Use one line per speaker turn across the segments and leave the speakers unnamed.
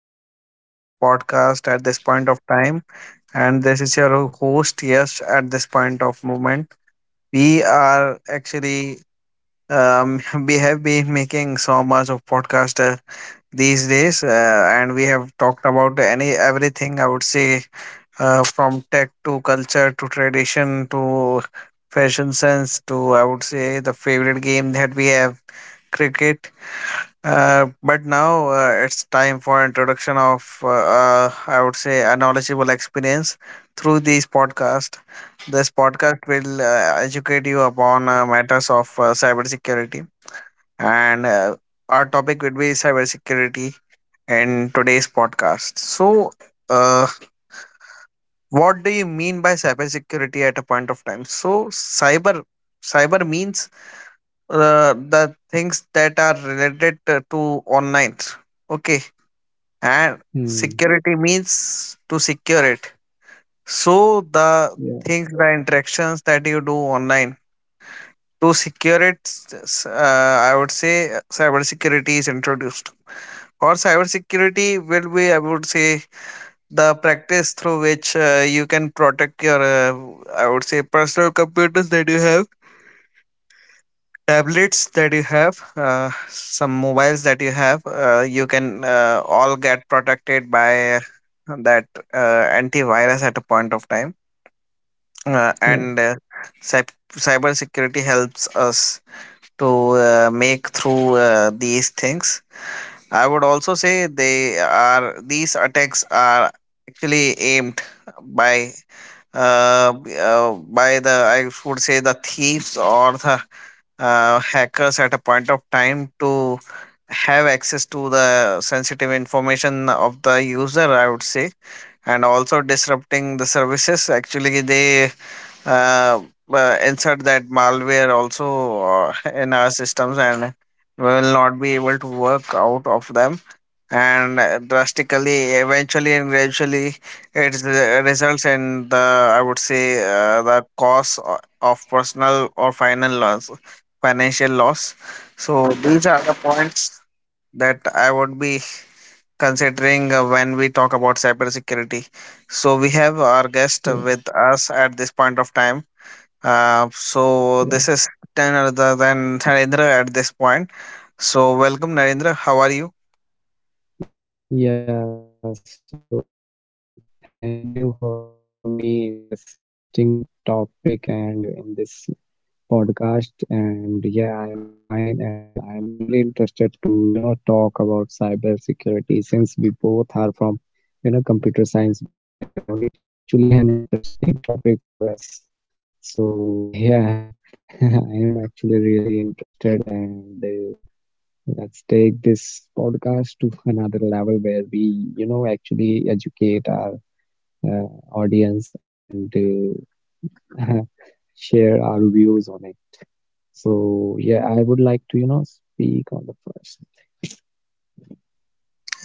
Podcast at this point of time. And this is your host, Yes, at this point of moment. We are actually, we have been making so much of podcast these days, and we have talked about any everything, I would say, from tech to culture to tradition to fashion sense to, I would say, the favorite game that we have, cricket. But now it's time for introduction of I would say a knowledgeable experience through these podcast. This podcast will educate you upon matters of cybersecurity, and our topic would be cybersecurity in today's podcast. So, uh, what do you mean by cybersecurity at a point of time? So, cyber means the things that are related to online. Okay. And security means
Hmm.
to secure it. So the things, the
Yeah,
interactions that you do online to secure it. I would say cyber security is introduced, or cyber security will be, I would say, the practice through which you can protect your I would say personal computers that you have, tablets that you have, some mobiles that you have. You can all get protected by that antivirus at a point of time. And
yeah,
Cyber security helps us to make through these things. I would also say they are, these attacks are actually aimed by uh, b- uh, by the, I would say, the thieves or the hackers at a point of time to have access to the sensitive information of the user, I would say, and also disrupting the services. Actually, they uh, insert that malware also in our systems, and we will not be able to work out of them. And drastically, eventually, and gradually, it results in the, I would say, the cost of personal or final loss, financial loss. So these are the points that I would be considering when we talk about cybersecurity. So we have our guest with
yeah,
us at this point of time. So this is
yeah.
none other than Narendra at this point. So welcome, Narendra. How are you?
Yeah, so thank you for having me in this interesting topic and in this podcast. And yeah, I am fine and I'm really interested to, you know, talk about cybersecurity since we both are from, you know, computer science background. It is actually an interesting topic for us. So yeah, I am actually really interested and Let's take this podcast to another level where we, you know, actually educate our uh, audience and share our views on it. So, yeah, I would like to, you know, speak on the first.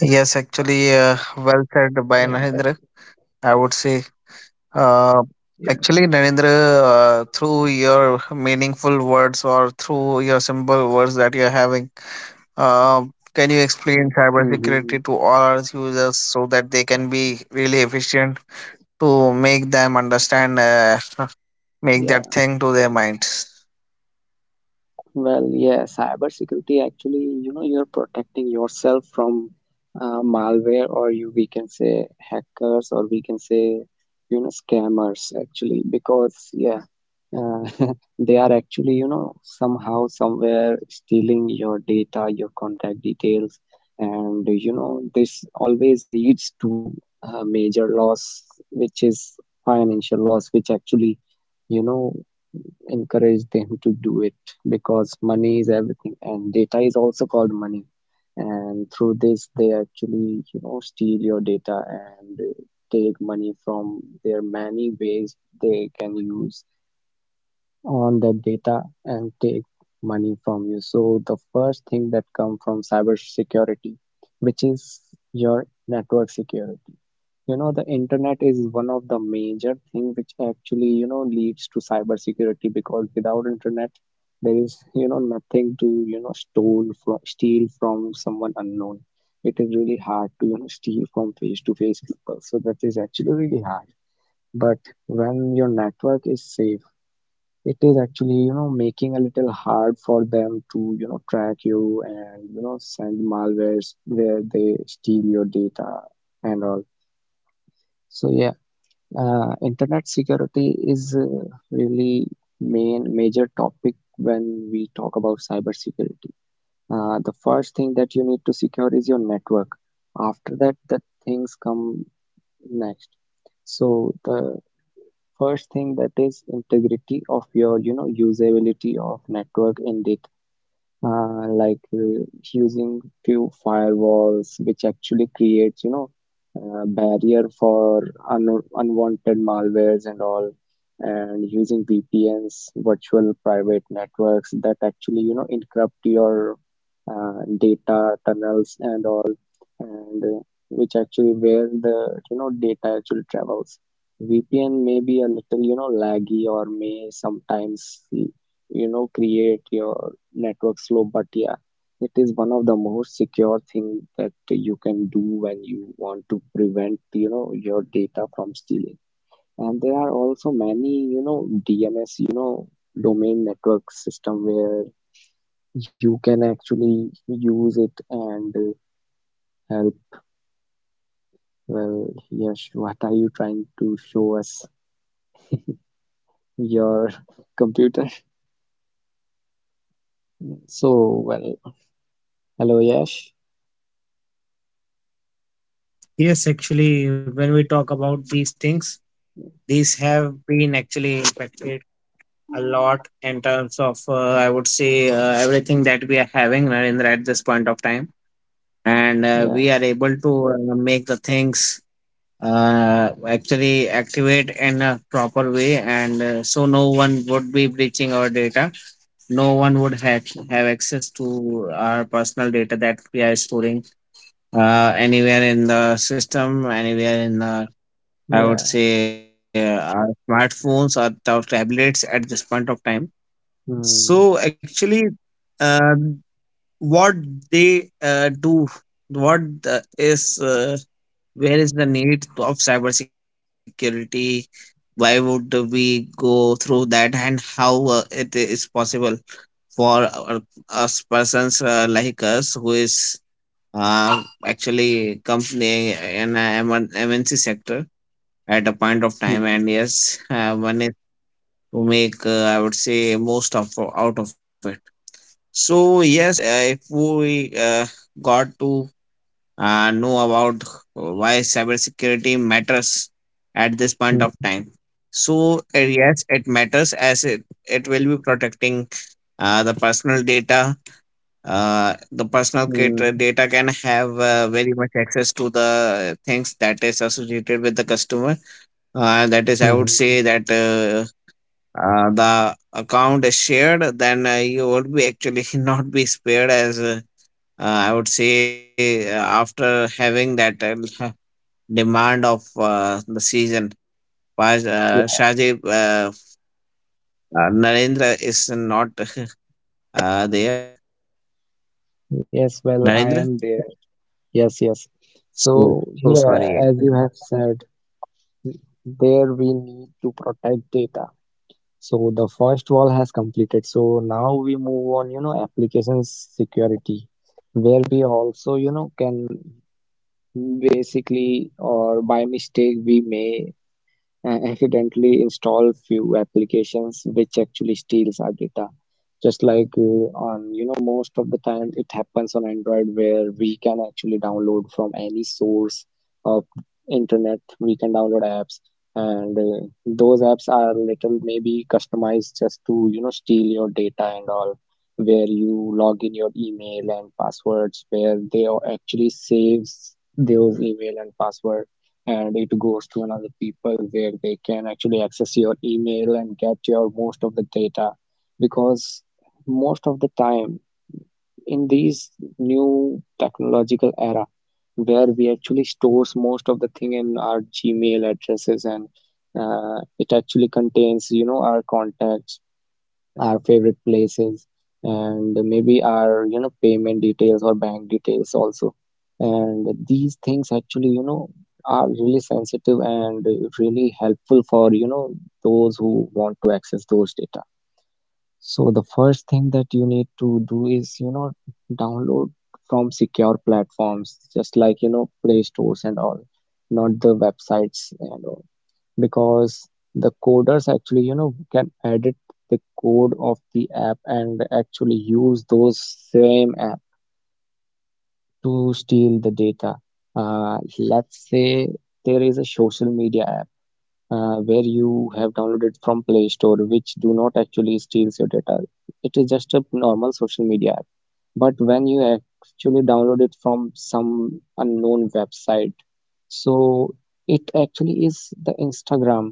Yes, actually,
Yeah, well,
well said by Narendra. I would say,
yeah.
uh, actually, Narendra, through your meaningful words or through your simple words that you're having, uh, can you explain
Mm-hmm.
cybersecurity to all our users so that they can be really efficient to make them understand, make that thing to their minds?
Well, yeah, cybersecurity actually, you know, you're protecting yourself from malware, or you we can say hackers, or we can say, you know, scammers actually, because yeah, uh, they are actually, you know, somehow somewhere stealing your data, your contact details, and you know, this always leads to a major loss, which is financial loss, which actually, you know, encourage them to do it because money is everything and data is also called money. And through this they actually, you know, steal your data and take money from their many ways they can use on that data and take money from you. So the first thing that comes from cyber security, which is your network security, you know, the internet is one of the major thing which actually, you know, leads to cybersecurity because without internet, there is, you know, nothing to, you know, steal from someone unknown. It is really hard to, you know, steal from face-to-face people. So that is actually really hard. But when your network is safe, it is actually, you know, making a little hard for them to, you know, track you and, you know, send malwares where they steal your data and all. So yeah. Internet security is really main major topic when we talk about cybersecurity. The first thing that you need to secure is your network. After that, the things come next. So the first thing that is integrity of your, you know, usability of network in the uh, like uh, using few firewalls, which actually creates, you know, a barrier for un unwanted malwares and all, and using VPNs, virtual private networks that actually, you know, encrypt your data tunnels and all, and which actually where the, you know, data actually travels. VPN may be a little, you know, laggy or may sometimes, you know, create your network slow, but yeah, it is one of the most secure thing that you can do when you want to prevent, you know, your data from stealing. And there are also many, you know, DNS, you know, domain network system where you can actually use it and help. Well, Yash, what are you trying to show us, your computer? So, well, hello Yash.
Yes, actually, when we talk about these things, these have been actually impacted a lot in terms of I would say everything that we are having, Narendra, at this point of time, and
Yeah
we are able to make the things uh, actually activate in a proper way, and so no one would be breaching our data, no one would have
Mhm.
access to our personal data that we are storing anywhere in the system, anywhere in the, I would
yeah
say, our smartphones or our tablets at this point of time.
Hmm.
So actually, uh, what they do, what the, is where is the need of cybersecurity? Why would we go through that, and how it is possible for us persons like us who is actually company in a MNC sector at a point of time?
mm-hmm.
And yes, one is to make I would say most of out of it. So yes, if we got to know about why cybersecurity matters at this point of
Mm-hmm.
time. So yes, it matters as it will be protecting the personal data. The personal
Mm-hmm.
data can have very much access to the things that is associated with the customer. That is, I would
hmm
say that the account is shared, then you would be actually not be spared as I would say after having that demand of the season, why
Yeah,
Shahji Narendra is not there, I think.
yes, well, I am there.
Narendra?
Yes, yes. So,
So,
yeah,
so
as you
sorry.
have
Actually.
said, there we need to protect data. So, the first wall has completed. So, now we move on, you know, application security, where we also, you know, can basically or by mistake we may and accidentally install few applications which actually steals our data, just like on, you know, most of the time it happens on android, where we can actually download from any source of internet, we can download apps, and those apps are little maybe customized just to, you know, steal your data and all, where you log in your email and passwords, where they actually saves those email and password, and it goes to another people where they can actually access your email and get your most of the data because most of the time in these new technological era where we actually stores most of the thing in our gmail addresses, and it actually contains, you know, our contacts, our favorite places, and maybe our, you know, payment details or bank details also, and these things actually, you know, are really sensitive and really helpful for, you know, those who want to access those data. So the first thing that you need to do is, you know, download from secure platforms just like, you know, play stores and all, not the websites and all, because the coders actually, you know, can edit the code of the app and actually use those same app to steal the data. Uh, let's say there is a social media app, where you have downloaded from play store which do not actually steals your data, it is just a normal social media app, but when you actually download it from some unknown website, so it actually is the Instagram,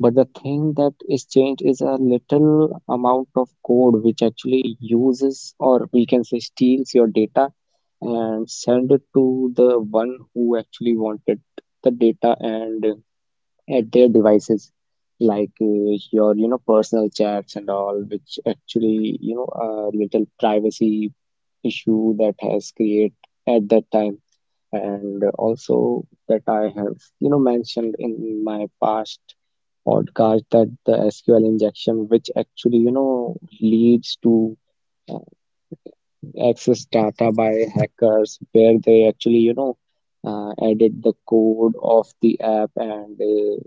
but the thing that is changed is a little amount of code which actually uses or we can say steals your data and send it to the one who actually wanted the data and at their devices, like your, you know, personal chats and all, which actually, you know, a little privacy issue that has created at that time. And also that I have, you know, mentioned in my past podcast that the sql injection which actually, you know, leads to access data by hackers where they actually, you know, edit the code of the app and they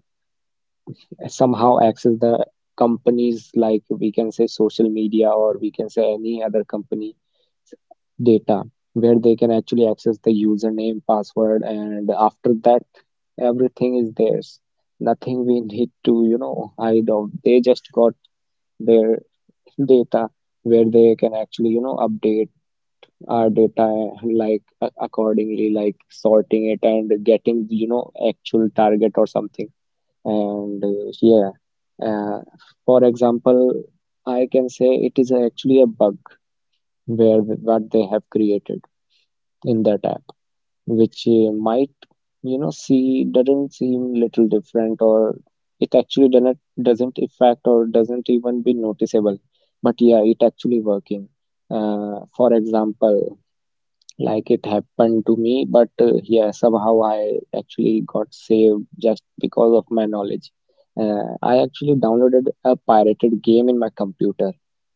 somehow access the companies, like we can say social media or we can say any other company data, where they can actually access the username password and after that everything is theirs, nothing we need to, you know, hide out, they just got their data, where they can actually, you know, update our data like accordingly, like sorting it and getting, you know, actual target or something. And yeah, uh, for example, I can say it is actually a bug where what they have created in that app, which might, you know, see doesn't seem little different or it actually doesn't, affect or doesn't even be noticeable, but yeah, it actually working. Uh, for example, like it happened to me, but yeah, somehow I actually got saved just because of my knowledge. I actually downloaded a pirated game in my computer,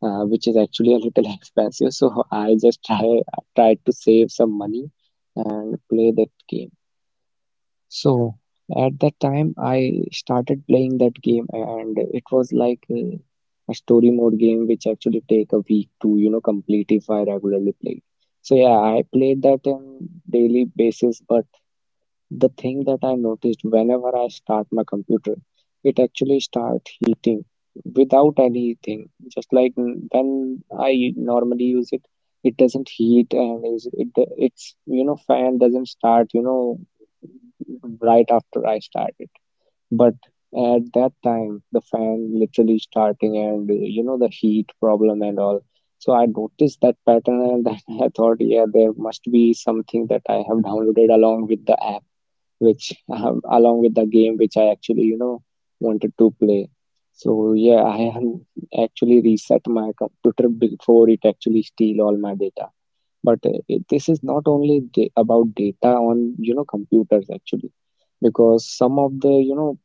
which is actually a little expensive, so I just tried to save some money and play that game. So at that time, I started playing that game, and it was like a story mode game, which actually take a week to, you know, complete if I regularly play. So yeah, I played that on daily basis, but the thing that I noticed whenever I start my computer, it actually starts heating without anything. Just like when I normally use it, it doesn't heat and is it's, you know, fan doesn't start, you know, right after I start it. But at that time, the fan literally starting and you know, the heat problem and all. So I noticed that pattern and then I thought, yeah, there must be something that I have downloaded along with the app, which along with the game which I actually, you know, wanted to play. So yeah, I am actually reset my computer before it actually steal all my data. But this is not only about data on, you know, computers actually, because some of the, you know,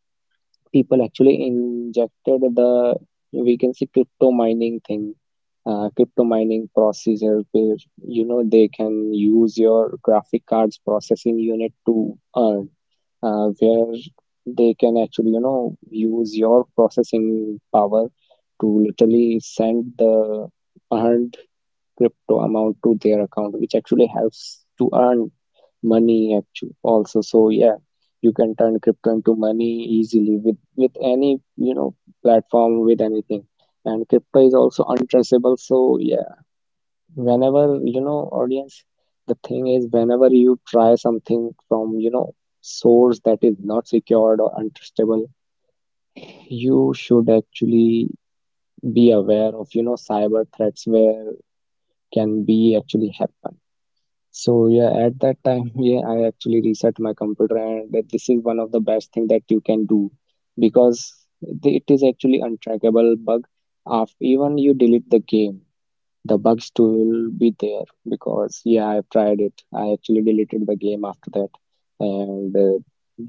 people actually injected the, we can say, crypto mining thing, crypto mining procedure, where, you know, they can use your graphic cards processing unit to earn, where they can actually, you know, use your processing power to literally send the earned crypto amount to their account, which actually helps to earn money actually also. So yeah, you can turn crypto into money easily with any, you know, platform, with anything. And crypto is also untraceable. So yeah, whenever, you know, audience, the thing is whenever you try something from, you know, source that is not secured or untrustable, you should actually be aware of, you know, cyber threats where can be actually happen. So yeah, at that time, yeah, I actually reset my computer, and that this is one of the best thing that you can do because it is actually untrackable bug. After even you delete the game, the bug still will be there because yeah, I've tried it. I actually deleted the game after that, and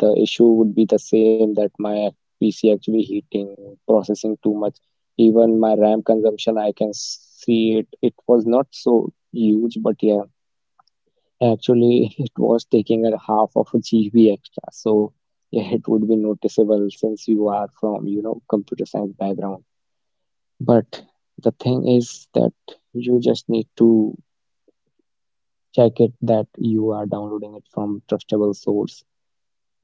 the issue would be the same that my PC actually heating, processing too much. Even my RAM consumption, I can see it. It was not so huge, but yeah. Actually, it was taking a half of a GB extra, so yeah, it would be noticeable since you are from, you know, computer science background. But the thing is that you just need to check it that you are downloading it from trustable source.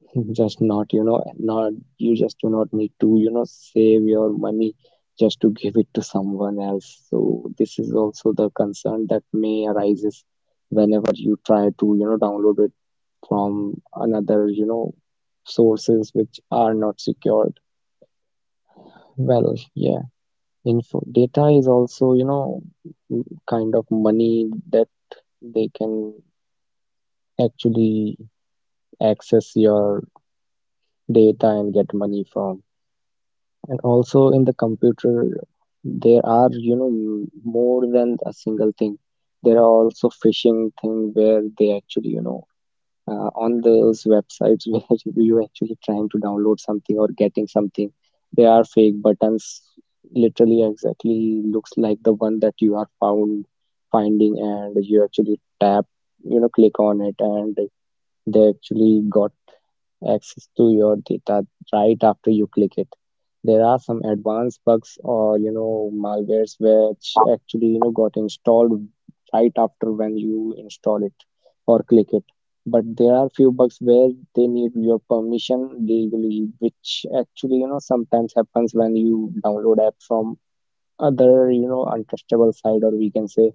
Just not, you know, not you just do not need to, save your money just to give it to someone else. So this is also the concern that may arises whenever you try to, download it from another, sources which are not secured. Well, yeah, info data is also, kind of money that they can actually access your data and get money from. And also in the computer, there are more than a single thing. There are also phishing thing where they actually, on those websites where you actually trying to download something or getting something. They are fake buttons literally exactly looks like the one that you are found finding, and you actually tap you know click on it, and they actually got access to your data right after you click it. There are some advanced bugs or malwares which actually got installed right after when you install it or click it. But there are few bugs where they need your permission legally, which actually sometimes happens when you download app from other untrustable site, or we can say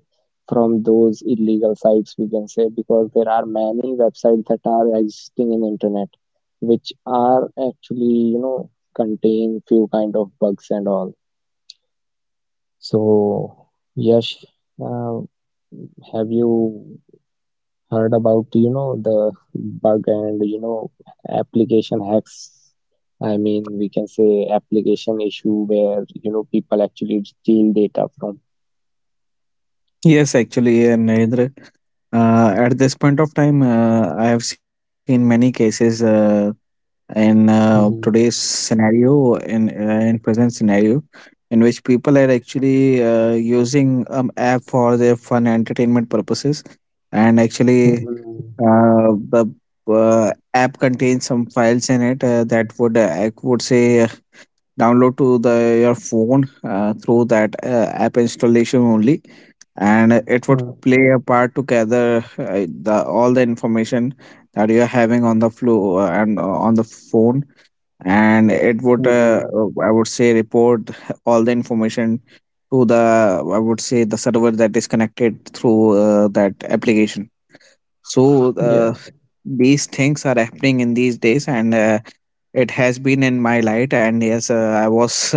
from those illegal sites, we can say, because there are many websites that are existing in internet which are actually contain few kind of bugs and all. So yes, uh, have you heard about the bug and application hacks, I mean we can say application issue where people actually steal data
Yes, actually, Narendra. At this point of time, I have seen many cases in today's
from
scenario, in present scenario, in which people are actually using app for their fun and entertainment purposes, and actually
Mhm.
uh, the app contains some files in it that would I would say download to the your phone through that app installation only, and it would
Mm.
play a part to gather the all the information that you are having on the flow and on the phone, and it would
Mhm.
I would say report all the information to the, I would say, the server that is connected through that application. So
Yeah.
these things are happening in these days, and it has been in my light, and yes, I was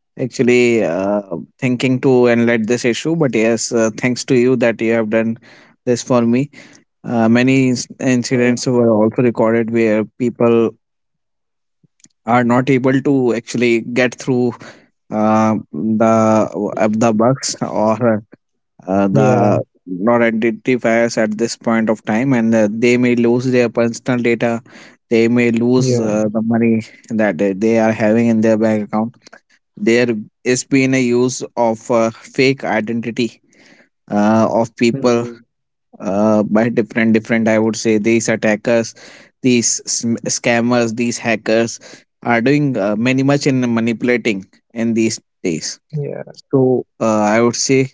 actually thinking to end this issue, but yes, thanks to you that you have done this for me. Many incidents
Mm.
were also recorded where people are not able to actually get through uh, the the bugs or
Yeah,
the not identifiers at this point of time, and they may lose their personal data, they may lose
yeah,
the money that they are having in their bank account. There has been a use of fake identity of people
Mhm.
by different. I would say these attackers, these scammers, these hackers are doing many much in manipulating in these days.
Yeah,
So I would say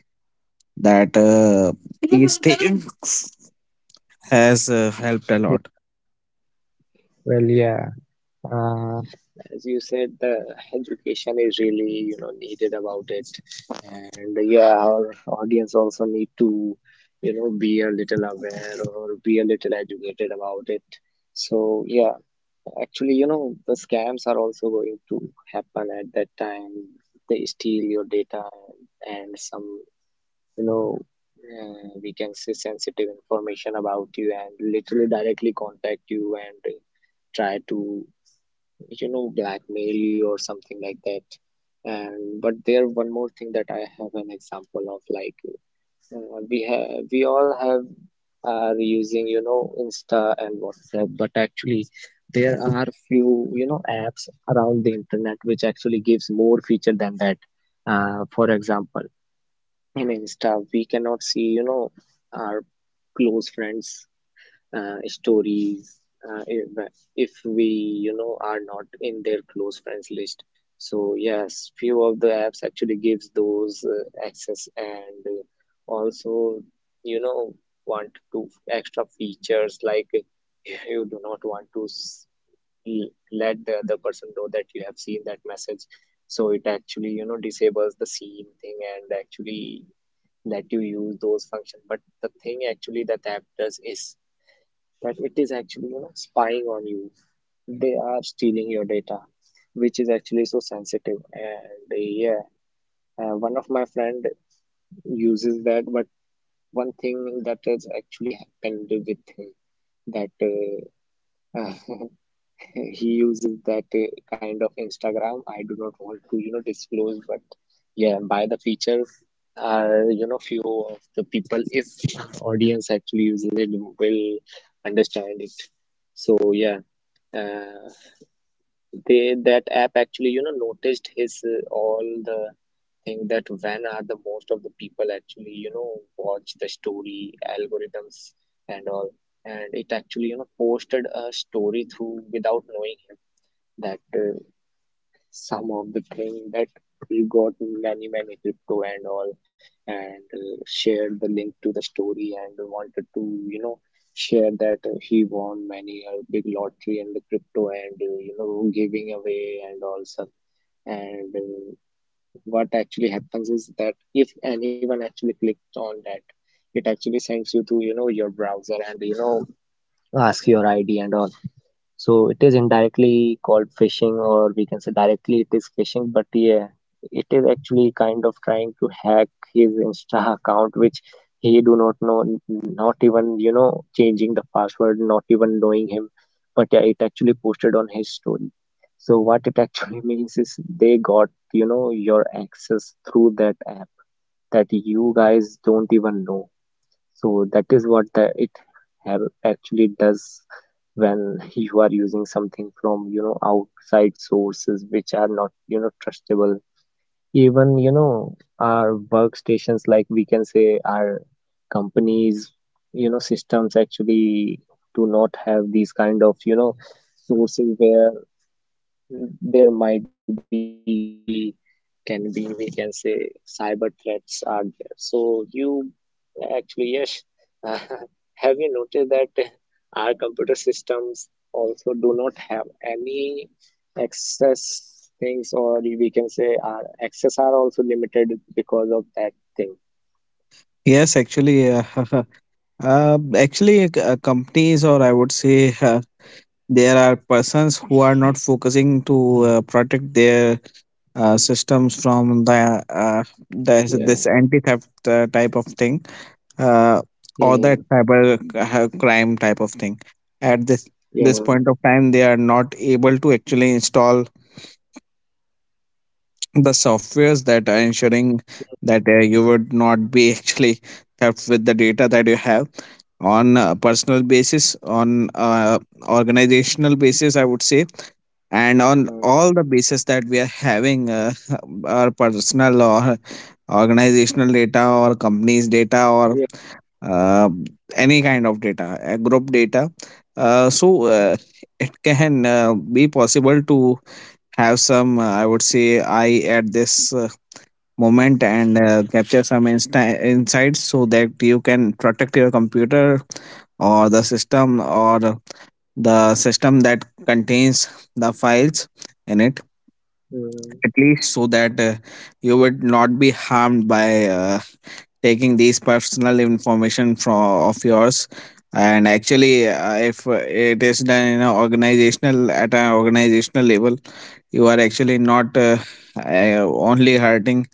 that these things has helped a lot.
yeah. Well, yeah. Uh, as you said, the education is really, needed about it. And yeah, our audience also need to, be a little aware or be a little educated about it. So yeah, actually, the scams are also going to happen at that time. They steal your data and some you know we can say sensitive information about you and literally directly contact you and try to blackmail you or something like that, and but there one more thing that I have an example of, like we all have are using Insta and WhatsApp, but actually there are few apps around the internet which actually gives more feature than that. For example, in Insta, we cannot see, our close friends' stories, uh, if, if we, are not in their close friends list. So yes, few of the apps actually gives those access, and also, you know, want to extra features, like you do not want to let the other person know that you have seen that message. So it actually, disables the seen thing and actually let you use those functions. But the thing actually that the app does is that it is actually spying on you. They are stealing your data, which is actually so sensitive. And yeah, one of my friend uses that, but one thing that has actually happened with him that uh, he uses that kind of Instagram. I do not want to, disclose, but yeah, by the feature, few of the people, if audience actually uses it, will understand it. So yeah, uh, they that app actually, noticed his all the thing, that when are the most of the people actually, watch the story algorithms and all, and it actually, posted a story through without knowing him that some of the thing that we got many many crypto and all, and shared the link to the story and wanted to share that he won many a big lottery and the crypto, and giving away and also. And what actually happens is that if anyone actually clicked on that, it actually sends you to your browser, and ask your id and all. So it is indirectly called phishing, or we can say directly it is phishing, but yeah, it is actually kind of trying to hack his Insta account, which he do not know, not even, changing the password, not even knowing him. But yeah, it actually posted on his story. So what it actually means is they got, your access through that app that you guys don't even know. So that is what it have actually does when you are using something from outside sources which are not trustable. Even our workstations, like we can say our companies, systems actually do not have these kind of sources where there might be actually can be, we can say, cyber threats are there, so you actually yes have you noticed that our computer systems also do not have any access things, or we can say our access are also limited because of that thing.
Yes, actually, actually, companies or I would say there are persons who are not focusing to protect their systems from the uh, this,
Yeah,
this anti-theft type of thing uh, or
yeah,
that cyber crime type of thing at this
yeah.
this point of time. They are not able to actually install the softwares that are ensuring that
Mhm.
you would not be actually theft with the data that you have on a personal basis, on organizational basis, I would say, and on
Mm.
all the basis that we are having, our personal or organizational data or companies data or
Yeah.
uh, any kind of data, group data. uh, so uh, it can be possible to have some, I would say, eye at this moment, and capture some insights so that you can protect your computer or the system, or the system that contains the files in it,
Mm.
at least, so that you would not be harmed by taking these personal information from of yours. And actually, if it is done in an organizational, at an organizational level, you are actually not uh, only hurting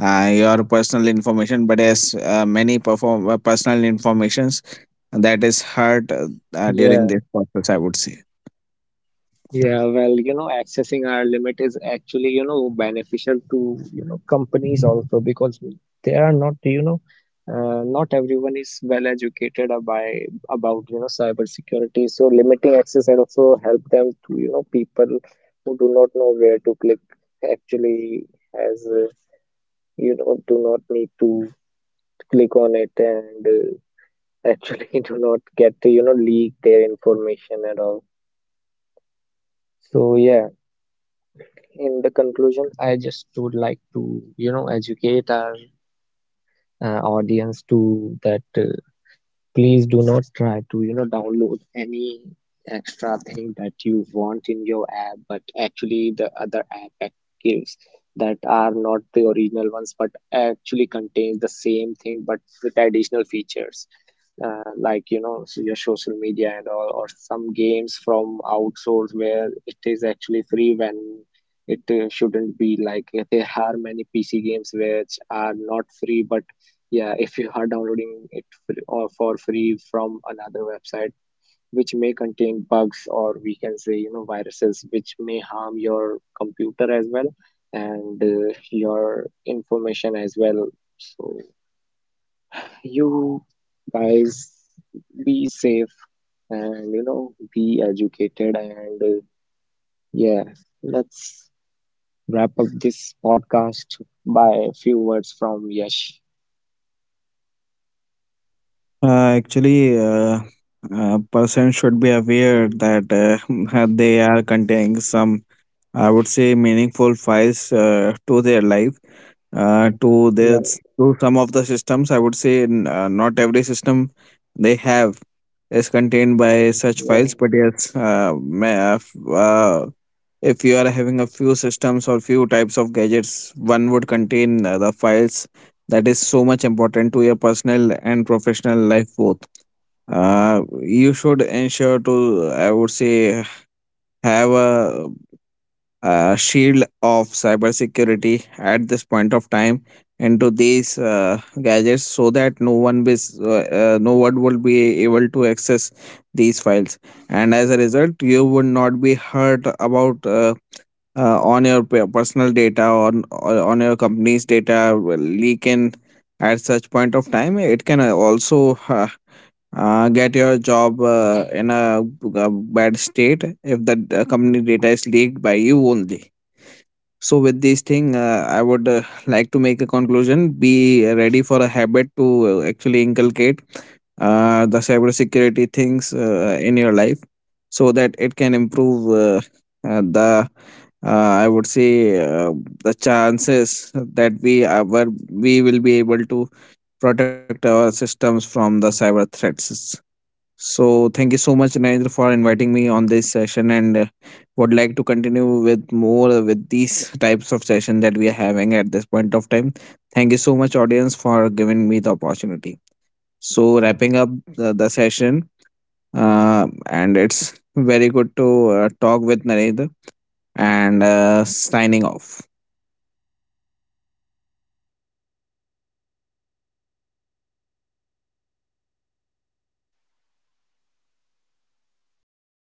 your personal information, but as many perform personal informations that is hurt during
Yeah.
this process, I would say.
Yeah, well, accessing our limit is actually, beneficial to, companies also because they are not, not everyone is well educated by about, you know, cybersecurity. So limiting access and also help them to, people who do not know where to click actually as, uh, do not need to click on it, and actually do not get to, leak their information at all. So yeah. In the conclusion, I just would like to, educate our audience to that please do not try to download any extra thing that you want in your app but actually the other app gives, that are not the original ones but actually contains the same thing but with additional features, like so your social media and all, or some games from outsource where it is actually free when it shouldn't be, like there are many PC games which are not free, but yeah, if you are downloading it or for free from another website which may contain bugs, or we can say viruses which may harm your computer as well and your information as well. So you guys be safe, and be educated, and yeah, let's wrap up this podcast by a few words from Yash.
Actually Person should be aware that they are containing some, I would say, meaningful files to their life, to their
Yeah,
to some of the systems. I would say not every system they have is contained by such files, but
yeah.
yes, if you are having a few systems or few types of gadgets, one would contain the files that is so much important to your personal and professional life both. You should ensure to, I would say, have a shield of cybersecurity at this point of time into these gadgets, so that no one will be able to access these files, and as a result you would not be hurt about on your personal data or on your company's data will leak in at such point of time. It can also get your job in a bad state if the company data is leaked by you only. So with this thing, I would like to make a conclusion. Be ready for a habit to actually inculcate the cybersecurity things in your life, so that it can improve the I would say the chances that we will be able to protect our systems from the cyber threats. So thank you so much, Narendra, for inviting me on this session, and would like to continue with more with these types of session that we are having at this point of time. Thank you so much, audience, for giving me the opportunity. So wrapping up the session, and it's very good to talk with Narendra and signing off.